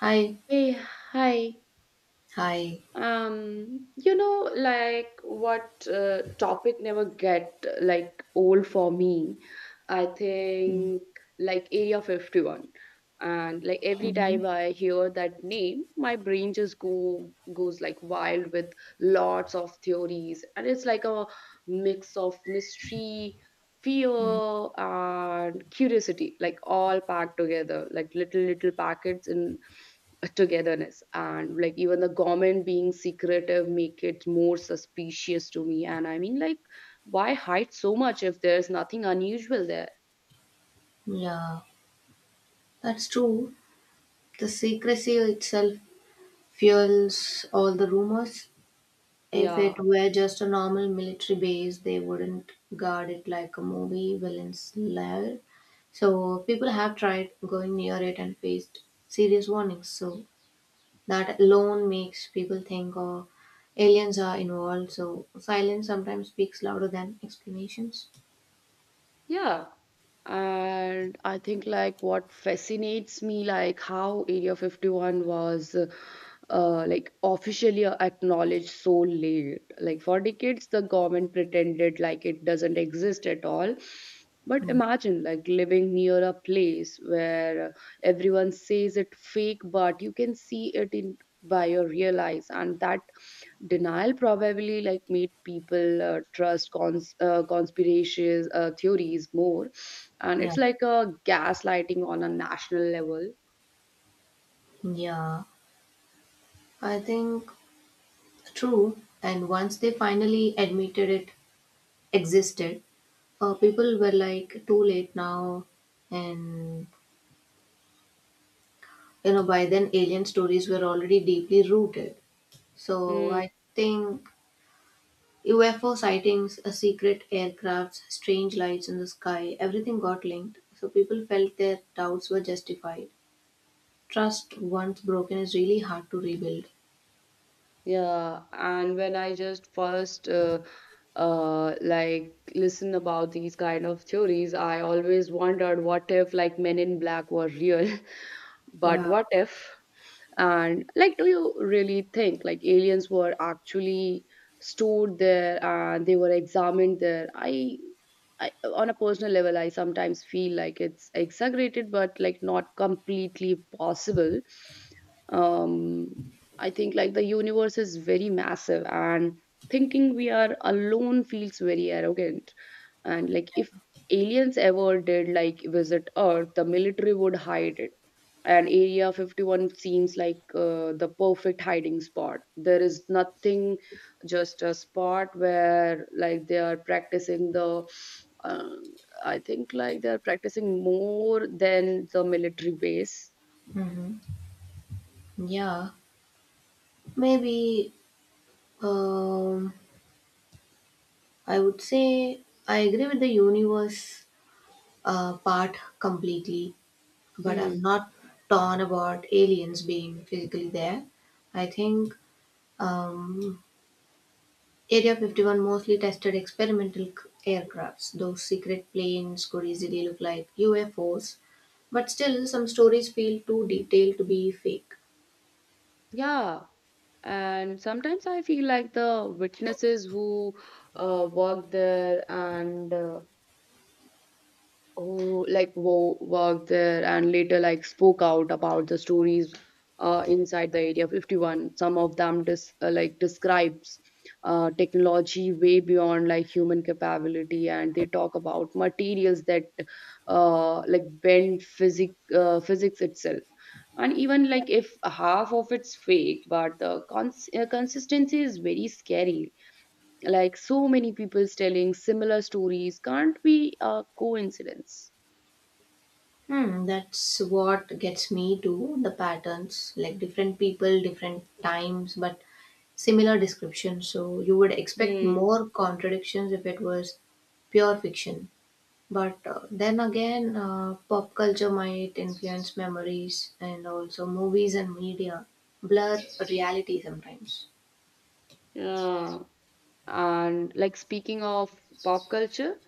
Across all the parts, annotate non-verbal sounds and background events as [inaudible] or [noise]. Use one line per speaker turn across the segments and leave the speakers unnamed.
Hi,
Hey, hi.
hi.
Like what topic never get like old for me. I think like Area 51. And like every
Mm-hmm.
time I hear that name, my brain just go goes like wild with lots of theories. And it's like a mix of mystery, fear, and curiosity, like all packed together, like little packets in togetherness. And like even the government being secretive make it more suspicious to me, and I mean like, why hide so much if there's nothing unusual there?
Yeah, that's true. The secrecy itself fuels all the rumors. If
Yeah,
it were just a normal military base, they wouldn't guard it like a movie villain's lair. So people have tried going near it and faced serious warnings. So that alone makes people think, oh, aliens are involved. So silence sometimes speaks louder than explanations.
yeah. And I think like what fascinates me, like how Area 51 was like officially acknowledged so late. Like for decades the government pretended like it doesn't exist at all, but
Mm.
imagine like living near a place where everyone says it fake but you can see it in by your real eyes. And that denial probably like made people trust conspiracies theories more. And
Yeah,
it's like a gaslighting on a national level.
yeah. I think true. And once they finally admitted it existed, people were like, too late now. And, by then alien stories were already deeply rooted. So
Hmm.
I think UFO sightings, a secret aircrafts, strange lights in the sky, everything got linked. So people felt their doubts were justified. Trust once broken is really hard to rebuild.
Yeah, and when I just first like listen about these kind of theories, I always wondered what if like Men in Black were real, [laughs] but
Yeah.
what if? And like, do you really think like aliens were actually stored there and they were examined there? I on a personal level, I sometimes feel like it's exaggerated, but like not completely possible. Um, I think like the universe is very massive, and thinking we are alone feels very arrogant. And like if aliens ever did like visit earth, the military would hide it. And Area 51 seems like the perfect hiding spot. There is nothing, just a spot where like they are practicing the um, I think like they are practicing more than the military base.
Mm-hmm. Yeah. Maybe. Um, I would say I agree with the universe part completely, but I'm
Hmm.
not torn about aliens being physically there. I think um, Area 51 mostly tested experimental aircrafts. Those secret planes could easily look like UFOs, but still, some stories feel too detailed to be fake.
Yeah. And sometimes I feel like the witnesses who work there and oh, like wo worked there and later like spoke out about the stories inside the Area 51. Some of them dis like describes technology way beyond like human capability, and they talk about materials that like bend physics itself. And even like if half of it's fake, but the consistency is very scary. Like so many people telling similar stories can't be a coincidence.
Hmm, that's what gets me to the patterns, like different people, different times, but similar description. So you would expect
Hmm.
more contradictions if it was pure fiction. But then again, pop culture might influence memories, and also movies and media blur reality sometimes.
Yeah. And like speaking of pop culture,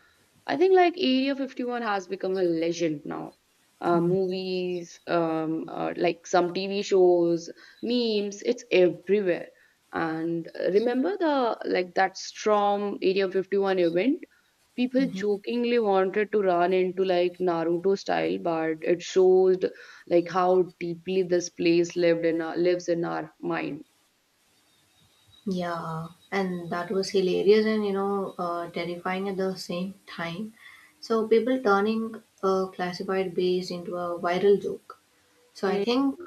I think like Area 51 has become a legend now.
Mm.
Movies, like some TV shows, memes, it's everywhere. And remember the like that Storm Area 51 event? People jokingly wanted to run into like Naruto style, but it shows like how deeply this place lives in our mind.
Yeah, and that was hilarious and terrifying at the same time. So people turning a classified base into a viral joke. So I
Hmm.
think,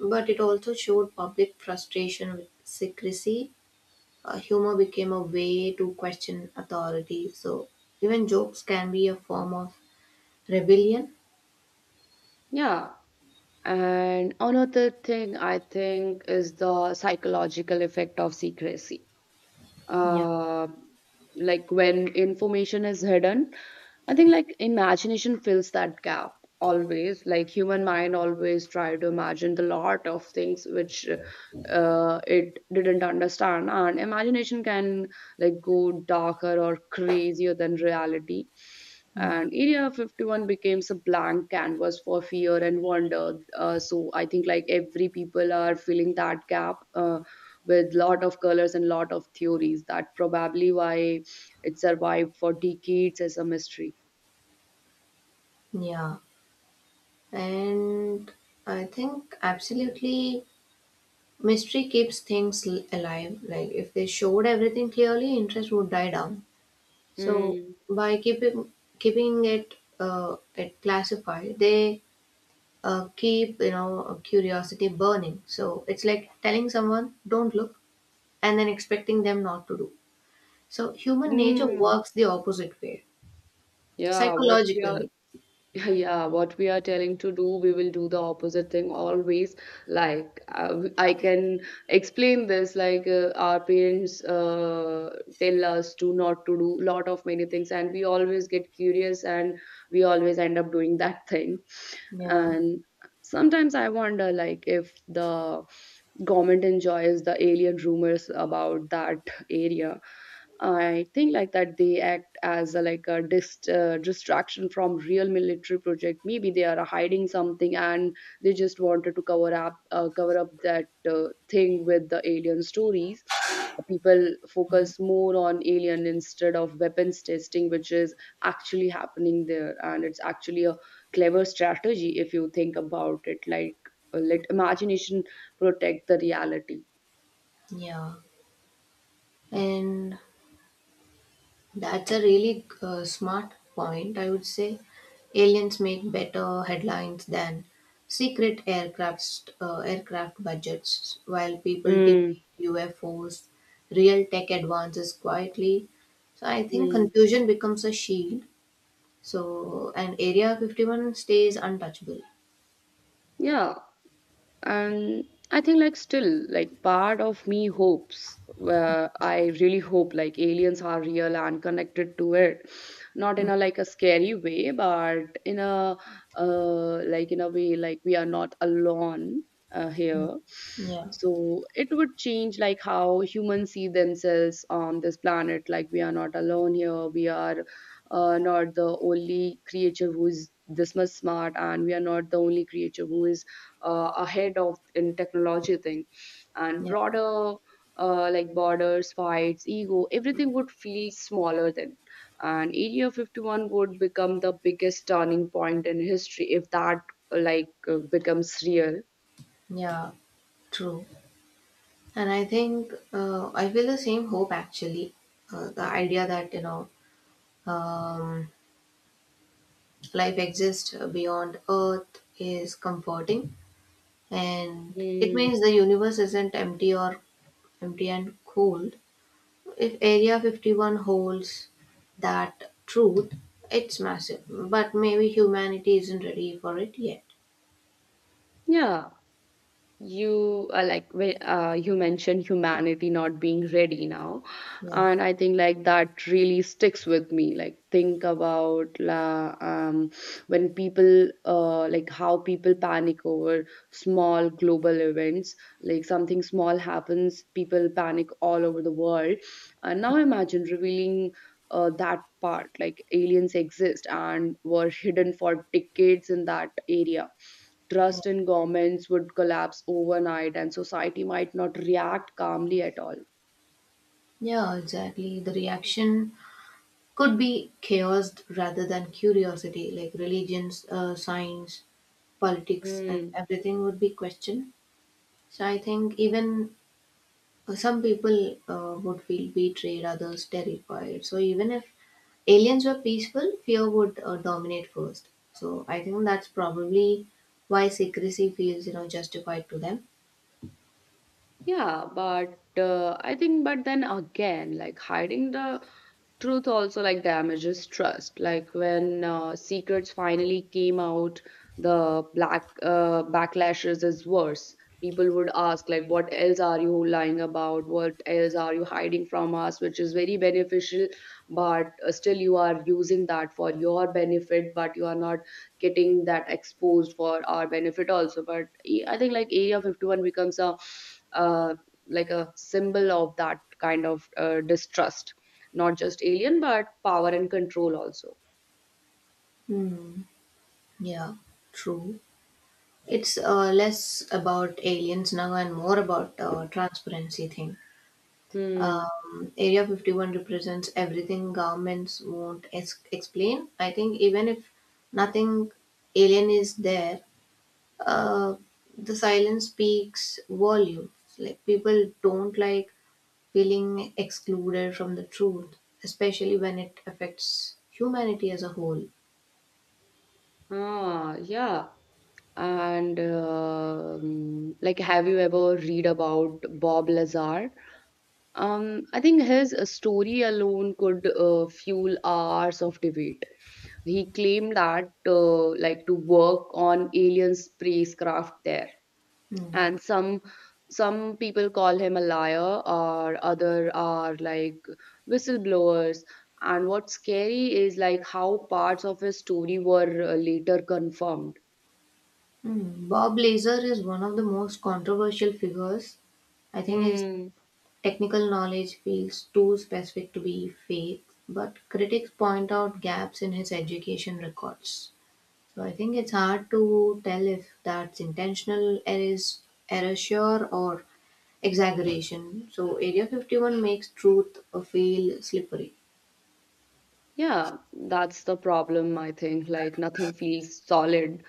but it also showed public frustration with secrecy. Humor became a way to question authority. So even jokes can be a form of rebellion.
Yeah. And another thing I think is the psychological effect of secrecy.
Yeah.
Uh, like when information is hidden, I think like imagination fills that gap. Always like human mind always try to imagine the lot of things which it didn't understand, and imagination can like go darker or crazier than reality.
Mm.
And Area 51 becomes a blank canvas for fear and wonder, so I think like every people are filling that gap with lot of colors and lot of theories. That probably why it survived for decades as a mystery.
Yeah. And I think, absolutely, mystery keeps things alive. Like if they showed everything clearly, interest would die down. So
Mm.
by keeping it it classified, they keep curiosity burning. So it's like telling someone don't look and then expecting them not to do. So human nature
Mm.
works the opposite way
Yeah, what we are
psychologically.
[laughs] yeah, what we are telling to do, we will do the opposite thing always. Like I can explain this, like our parents tell us to not to do lot of many things, and we always get curious, and we always end up doing that thing.
Yeah.
And sometimes I wonder, like if the government enjoys the alien rumors about that area. I think like that they act as a, like a distraction from real military project. Maybe they are hiding something and they just wanted to cover up that thing with the alien stories. People
Mm.
focus more on alien instead of weapons testing, which is actually happening there, and it's actually a clever strategy if you think about it. Like let imagination protect the reality.
Yeah, and that's a really smart point. I would say aliens make better headlines than secret aircraft budgets, while people debate
Hmm.
UFOs, real tech advances quietly. So I think
Hmm.
confusion becomes a shield. So an Area 51 stays untouchable.
Yeah. And I think like still, like part of me hopes, I really hope like aliens are real and connected to it. Not in
Mm.
a like a scary way, but in a like in a way like we are not alone here.
Yeah.
So it would change like how humans see themselves on this planet. Like we are not alone here, we are not the only creature who is this much smart, and we are not the only creature who is ahead of in technology thing. And
Yeah,
broader like borders, fights, ego, everything would feel smaller then. And Area 51 would become the biggest turning point in history if that like becomes real.
yeah, true. And I think I feel the same hope actually. The idea that, um, life exists beyond Earth is comforting. And it
Mm,
means the universe isn't empty and cold. If Area 51 holds that truth, it's massive. But maybe humanity isn't ready for it yet.
yeah. You you mentioned humanity not being ready now,
Yeah.
and I think like that really sticks with me. Like think about when people like how people panic over small global events. Like something small happens, people panic all over the world. And now imagine revealing that part, like aliens exist and were hidden for decades in that area.
Yeah,
Trust in governments would collapse overnight and society might not react calmly at all.
yeah, exactly. The reaction could be chaos rather than curiosity, like religions, science, politics, and
Mm,
everything would be questioned. So I think, even some people would feel betrayed, others terrified. So even if aliens were peaceful, fear would dominate first. So I think that's probably why secrecy feels justified to them.
yeah. But I think, but then again, like hiding the truth also like damages trust. Like when secrets finally came out, the black backlashes is worse. People would ask like what else are you lying about, what else are you hiding from us, which is very beneficial. But still you are using that for your benefit, but you are not getting that exposed for our benefit also. But I think like Area 51 becomes a, uh, like a symbol of that kind of distrust. Not just alien, but power and control also.
Hmm. Yeah, true. It's less about aliens now and more about transparency thing.
Hmm.
Area 51 represents everything governments won't explain. I think even if nothing alien is there, uh, the silence speaks volumes. Like people don't like feeling excluded from the truth, especially when it affects humanity as a whole.
Ah, yeah. And like, have you ever read about Bob Lazar? I think his story alone could fuel hours of debate. He claimed that, like, to work on alien spacecraft there.
Hmm.
And some people call him a liar, or other are like whistleblowers. And what's scary is like how parts of his story were later confirmed.
Hmm. Bob Lazar is one of the most controversial figures. I think his
Hmm.
technical knowledge feels too specific to be fake, but critics point out gaps in his education records. So I think it's hard to tell if that's intentional erasure or exaggeration. So Area 51 makes truth feel slippery.
Yeah, that's the problem. I think like nothing feels solid,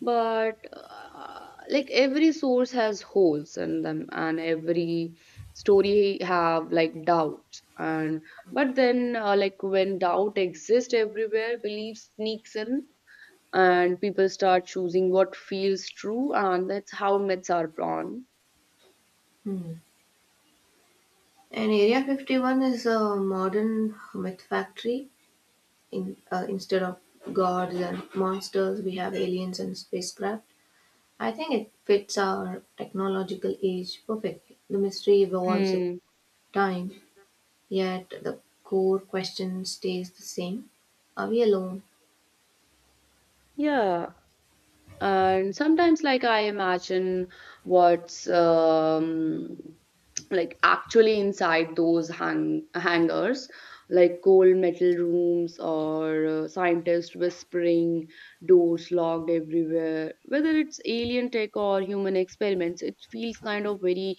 but like every source has holes in them, and every story have like doubts. And but then like when doubt exists everywhere, belief sneaks in, and people start choosing what feels true. And that's how myths are born.
Hmm. And Area 51 is a modern myth factory. Instead of gods and monsters, we have aliens and spacecraft. I think it fits our technological age perfectly. The mystery evolves with
Hmm.
time, yet the core question stays the same. Are we alone?
Yeah, and sometimes like I imagine what's like actually inside those hangars. Like cold metal rooms, or scientists whispering, doors locked everywhere. Whether it's alien tech or human experiments, it feels kind of very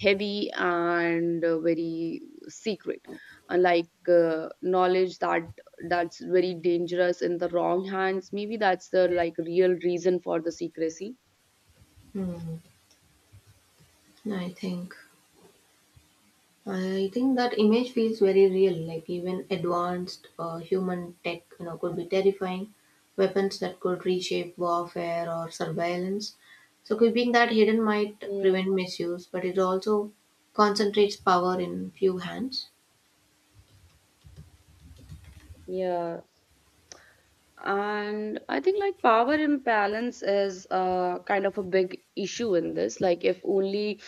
heavy, and very secret. Unlike knowledge that that's very dangerous in the wrong hands. Maybe that's the like real reason for the secrecy.
Hmm, I think. I think that image feels very real. Like even advanced human tech, could be terrifying. Weapons that could reshape warfare or surveillance. So keeping that hidden might prevent
Mm,
misuse, but it also concentrates power in few hands.
yeah. And I think like power imbalance is kind of a big issue in this. Like if only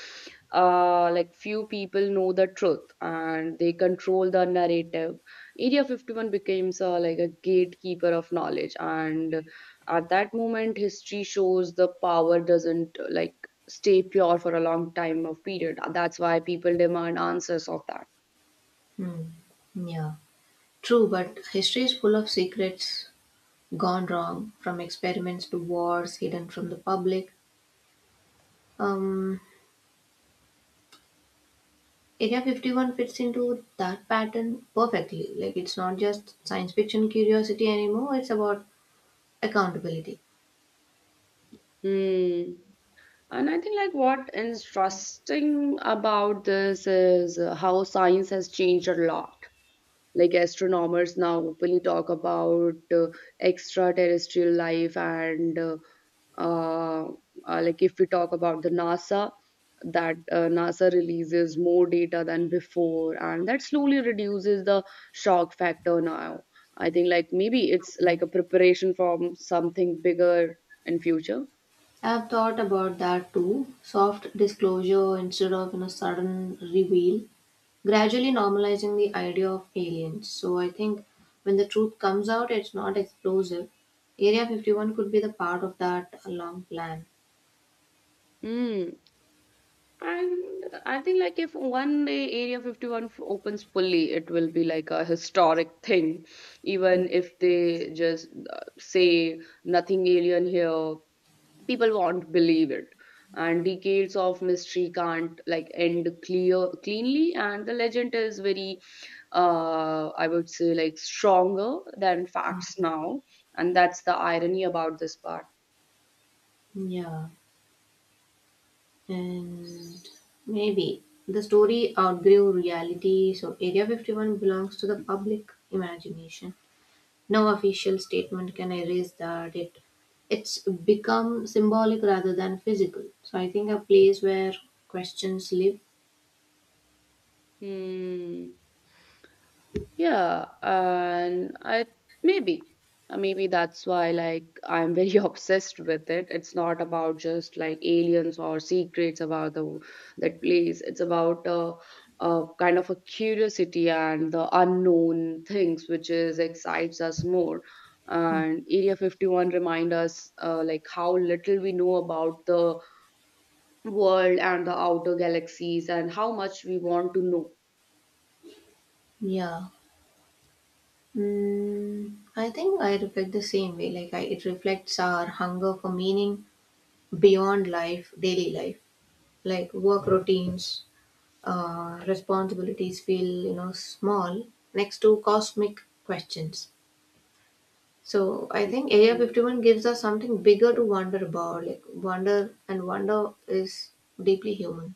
like few people know the truth and they control the narrative, Area 51 becomes like a gatekeeper of knowledge. And at that moment, history shows the power doesn't like stay pure for a long time of period. That's why people demand answers of that.
Hmm. Yeah. True, but history is full of secrets gone wrong, from experiments to wars hidden from the public. Um, Area 51 fits into that pattern perfectly. Like, it's not just science fiction curiosity anymore, it's about accountability.
Hmm. And I think like what interesting about this is how science has changed a lot. Like astronomers now openly talk about extraterrestrial life, and uh, like if we talk about the NASA, that NASA releases more data than before, and that slowly reduces the shock factor now. I think like maybe it's like a preparation from something bigger in future.
I've thought about that too. Soft disclosure instead of sudden reveal. Gradually normalizing the idea of aliens. So I think when the truth comes out, it's not explosive. Area 51 could be the part of that long plan.
Mm. And I think like if one day Area 51 opens fully, it will be like a historic thing. Even if they just say nothing alien here, people won't believe it. And decades of mystery can't like end clear cleanly. And the legend is very, I would say like stronger than facts now. And that's the irony about this part.
Yeah, and maybe the story outgrew reality, so Area 51 belongs to the public imagination. No official statement can erase that. It's become symbolic rather than physical. So I think a place where questions live.
Hmm. Yeah, and I maybe maybe that's why like I'm very [laughs] obsessed with it. It's not about just like aliens or secrets about the that place. It's about a kind of a curiosity and the unknown things which is excites us more. And Area 51 remind us like how little we know about the world and the outer galaxies and how much we want to know.
Yeah. I think I reflect the same way. Like it reflects our hunger for meaning beyond life, daily life. Like work routines, responsibilities feel small next to cosmic questions. So I think Area
Mm,
51 gives us something bigger to wonder about. Like wonder is deeply human.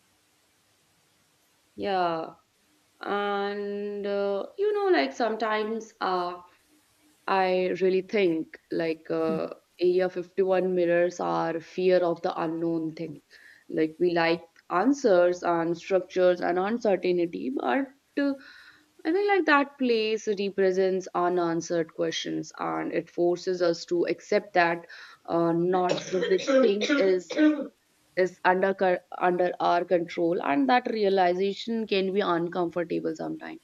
yeah. And like sometimes, I really think like Area 51 mirrors our fear of the unknown thing. Like we like answers and structures and uncertainty, but uh, I think like that place represents unanswered questions, and it forces us to accept that not everything is under under our control. And that realization can be uncomfortable sometimes.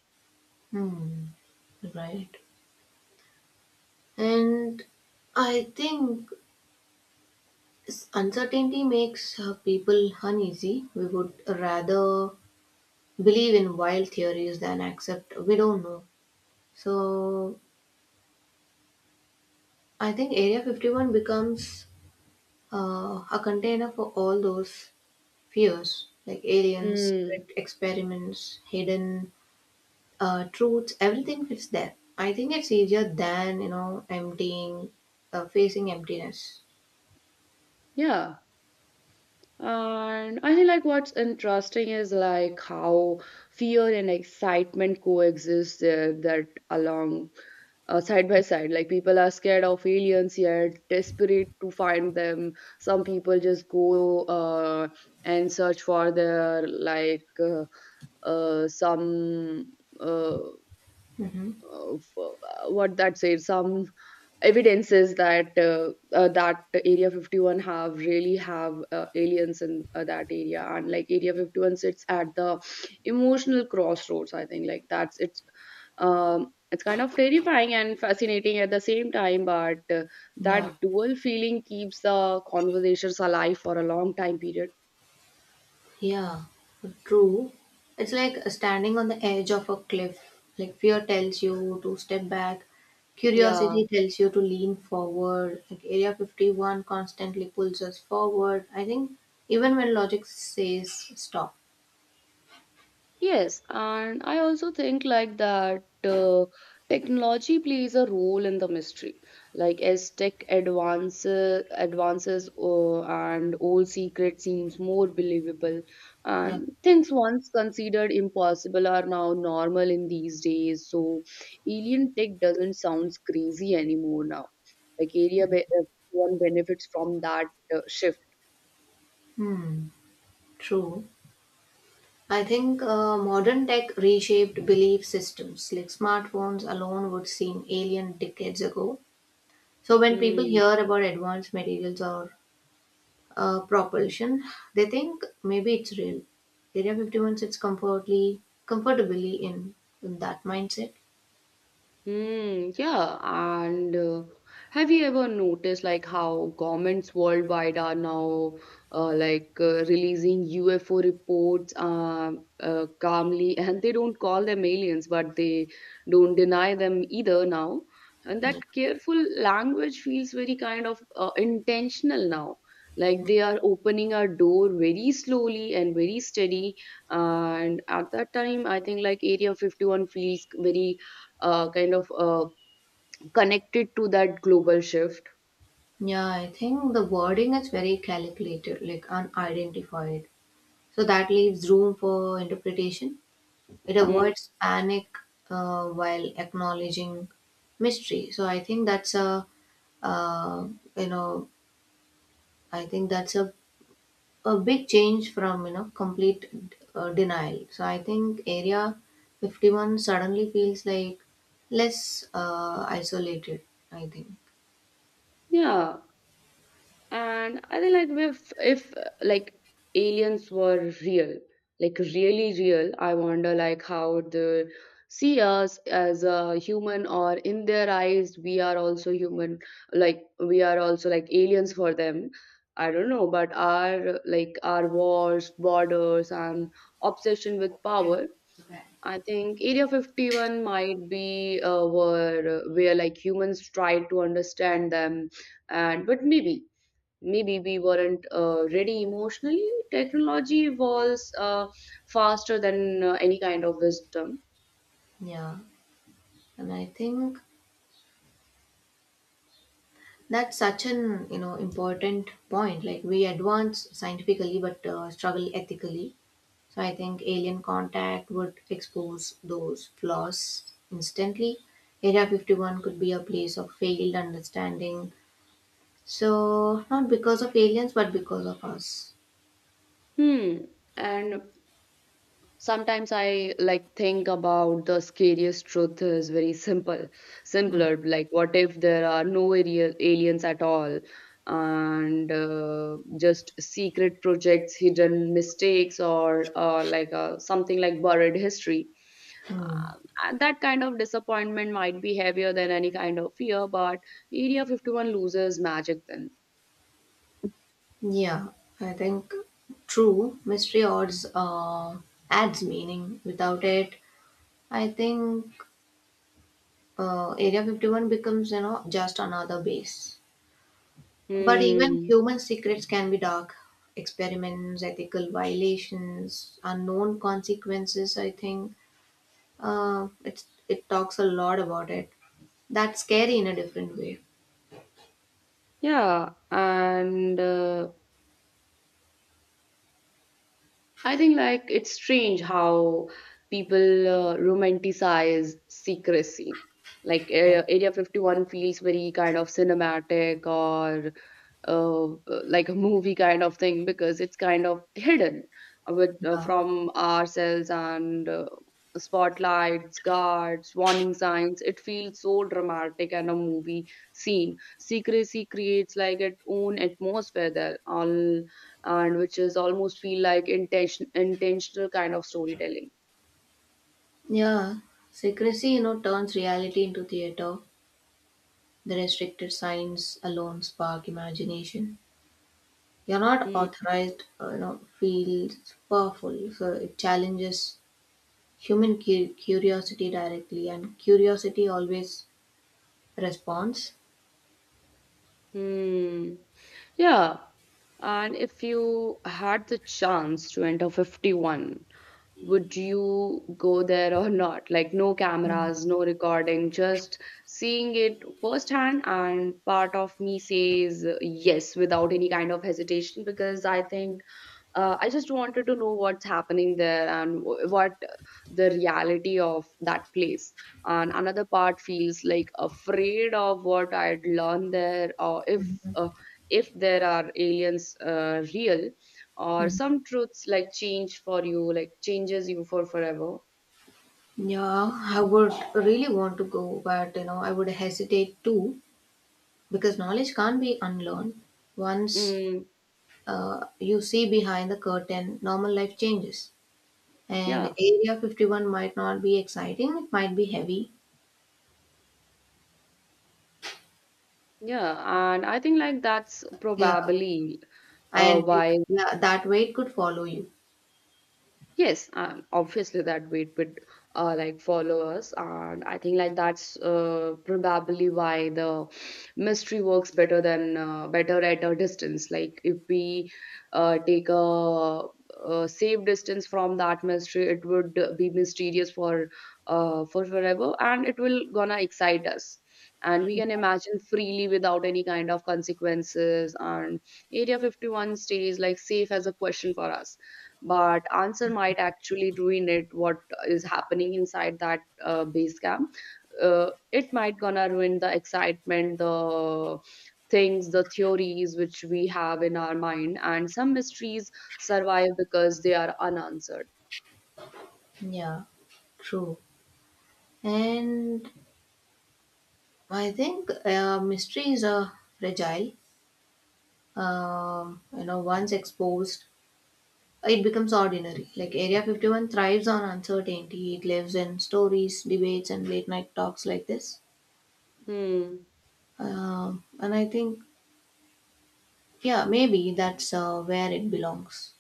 Hmm. Right. And I think, uncertainty makes people uneasy. We would rather believe in wild theories than accept we don't know. So I think Area 51 becomes a container for all those fears, like aliens,
Mm,
secret experiments, hidden truths, everything fits there. I think it's easier than, facing emptiness.
yeah. And I think like what's interesting is like how fear and excitement coexist there that along side by side. Like people are scared of aliens yet desperate to find them. Some people just go and search for their like some uh,
Hmm.
of what that says some evidences that that area 51 have really have aliens in that area. And like area 51 sits at the emotional crossroads, I think. Like that's it's um it's kind of terrifying and fascinating at the same time, but
Yeah.
that dual feeling keeps the conversations alive for a long time period.
Yeah, true. It's like standing on the edge of a cliff. Like fear tells you to step back,
Yeah.
curiosity tells you to lean forward. Like Area 51 constantly pulls us forward. I think even when logic says stop.
Yes, and I also think like that technology plays a role in the mystery. Like as tech advances, and old secret seems more believable,
Yeah.
and things once considered impossible are now normal in these days. So alien tech doesn't sound crazy anymore now. Like everyone benefits from that shift.
Hmm. True. I think modern tech reshaped belief systems. Like smartphones alone would seem alien decades ago. So when people
Hmm.
hear about advanced materials or propulsion, they think maybe it's real. Area 51 sits comfortably in that mindset.
Mm, yeah, and have you ever noticed like how governments worldwide are now releasing UFO reports calmly, [laughs] and they don't call them aliens, but they don't deny them either now. And
Yeah.
that careful language feels very kind of intentional now. Like they are opening our door very slowly and very steady. And at that time, I think like Area 51 feels very uh, kind of uh, connected to that global shift.
Yeah, I think the wording is very calculated, like unidentified. So that leaves room for interpretation. It
Mm,
avoids panic while acknowledging mystery. So I think that's uh, you know, I think that's a a big change from complete denial. So I think Area 51 suddenly feels like less isolated, I think.
yeah, and I think like if like aliens were real, like really real, I wonder like how they see us as a human, or in their eyes we are also human, like we are also like aliens for them. I don't know, but our like our wars, borders, and obsession with power.
Okay.
I think Area 51 might be where like humans tried to understand them, and but maybe we weren't ready emotionally. Technology evolves faster than any kind of wisdom.
Yeah, and I think that's such an important point. Like we advance scientifically but struggle ethically. So I think alien contact would expose those flaws instantly. Area 51 could be a place of failed understanding. So, not because of aliens, but because of us.
Hmm. And sometimes I like think about the scariest truth is very simple
Hmm.
simpler like what if there are no aliens at all, and just secret projects, hidden mistakes, or something like buried history. And that kind of disappointment might be heavier than any kind of fear, but area 51 loses magic then.
Yeah, I think true. Mystery odds adds meaning. Without it, I think Area 51 becomes, just another base. But even
Hmm.
human secrets can be dark. Experiments, ethical violations, unknown consequences, I think it talks a lot about it. That's scary in a different way.
Yeah, and I think like it's strange how people romanticize secrecy. Like
Yeah.
uh, Area 51 feels very kind of cinematic, or uh, like a movie kind of thing, because it's kind of hidden with,
Yeah.
from ourselves, and spotlights, guards, warning signs. It feels so dramatic and a movie scene. Secrecy creates like its own atmosphere there, all and which is almost feel like intentional kind of storytelling.
Yeah, secrecy, turns reality into theater. The restricted signs alone spark imagination. You're not
Hmm.
authorized, feels powerful. So it challenges human curiosity directly, and curiosity always responds.
Hmm. Yeah. And if you had the chance to enter 51, would you go there or not? Like, no cameras, no recording, just seeing it firsthand. And part of me says yes without any kind of hesitation, because I think I just wanted to know what's happening there and what the reality of that place. And another part feels like afraid of what I'd learn there, or if there are aliens real, or
Mhm.
some truths like change for you, like changes you for forever.
Yeah, I would really want to go, but I would hesitate too, because knowledge can't be unlearned. Once
Mm,
you see behind the curtain, normal life changes. And
yeah.
Area 51 might not be exciting, it might be heavy.
Yeah, and I think like that's
Yeah,
probably
and
why.
yeah, that weight could follow you.
Yes, obviously that weight would like follow us, and I think like that's probably why the mystery works better than better at a distance. Like if we take a safe distance from that mystery, it would be mysterious for forever, and it will gonna excite us, and we can imagine freely without any kind of consequences. And Area 51 stays like safe as a question for us, but answer might actually ruin it, what is happening inside that base camp. It might gonna ruin the excitement, the things, the theories which we have in our mind, and some mysteries survive because they are unanswered.
Yeah. True. And I think mysteries are fragile. Once exposed, it becomes ordinary. Like Area 51 thrives on uncertainty. It lives in stories, debates, and late night talks like this.
Hmm.
And I think, yeah, maybe that's where it belongs.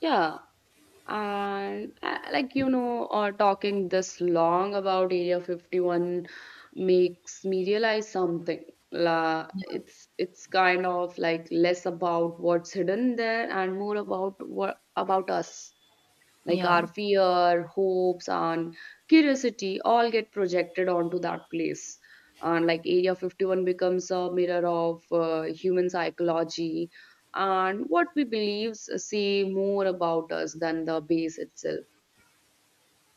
Yeah, and like you know or talking this long about area 51 makes me realize something. La
Yeah.
It's kind of like less about what's hidden there and more about what about us. Like
Yeah.
our fear, hopes, and curiosity all get projected onto that place. And like Area 51 becomes a mirror of human psychology, and what we believe say more about us than the base itself.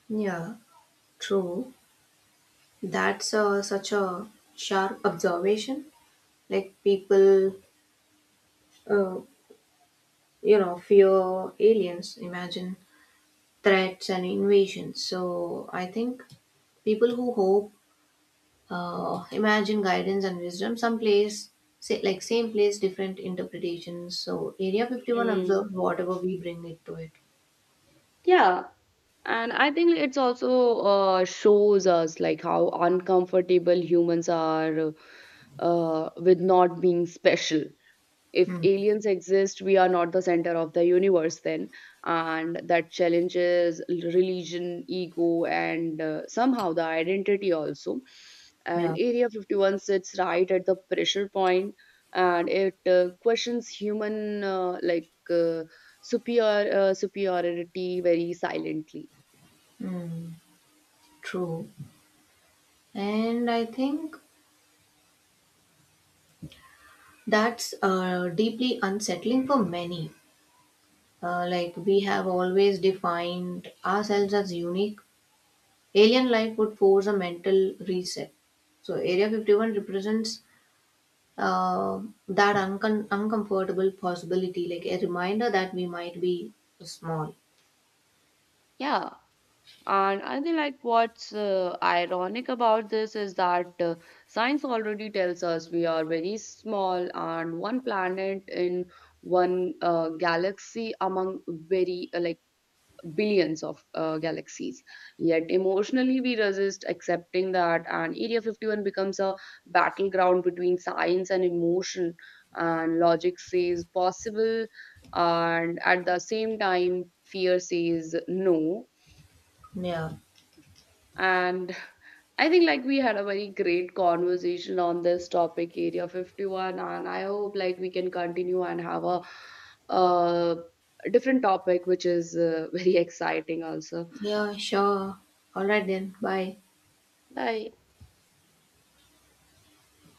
Yeah. True. That's such a sharp observation. Like people, uh, fear aliens, imagine threats and invasions. So I think people who hope, imagine guidance and wisdom, some place, say, like same place, different interpretations. So Area 51
Mm.
observes whatever we bring it to it.
Yeah, and I think it's also shows us like how uncomfortable humans are with not being special. If
Hmm.
aliens exist, we are not the center of the universe then, and that challenges religion, ego, and somehow the identity also, and
Yeah.
area 51 sits right at the pressure point, and it questions human superiority very silently.
Hmm. True. And I think that's deeply unsettling for many. Like we have always defined ourselves as unique, alien life would force a mental reset. So Area 51 represents uh, that uncomfortable possibility, like a reminder that we might be small.
Yeah. And I think like what's ironic about this is that science already tells us we are very small, and one planet in one galaxy among very like billions of galaxies. Yet emotionally we resist accepting that, and Area 51 becomes a battleground between science and emotion. And logic says possible, and at the same time fear says no.
Yeah.
And I think like we had a very great conversation on this topic, area 51, and I hope like we can continue and have a uh, different topic which is [laughs] very exciting also.
Yeah, sure. All right then. Bye.
Bye.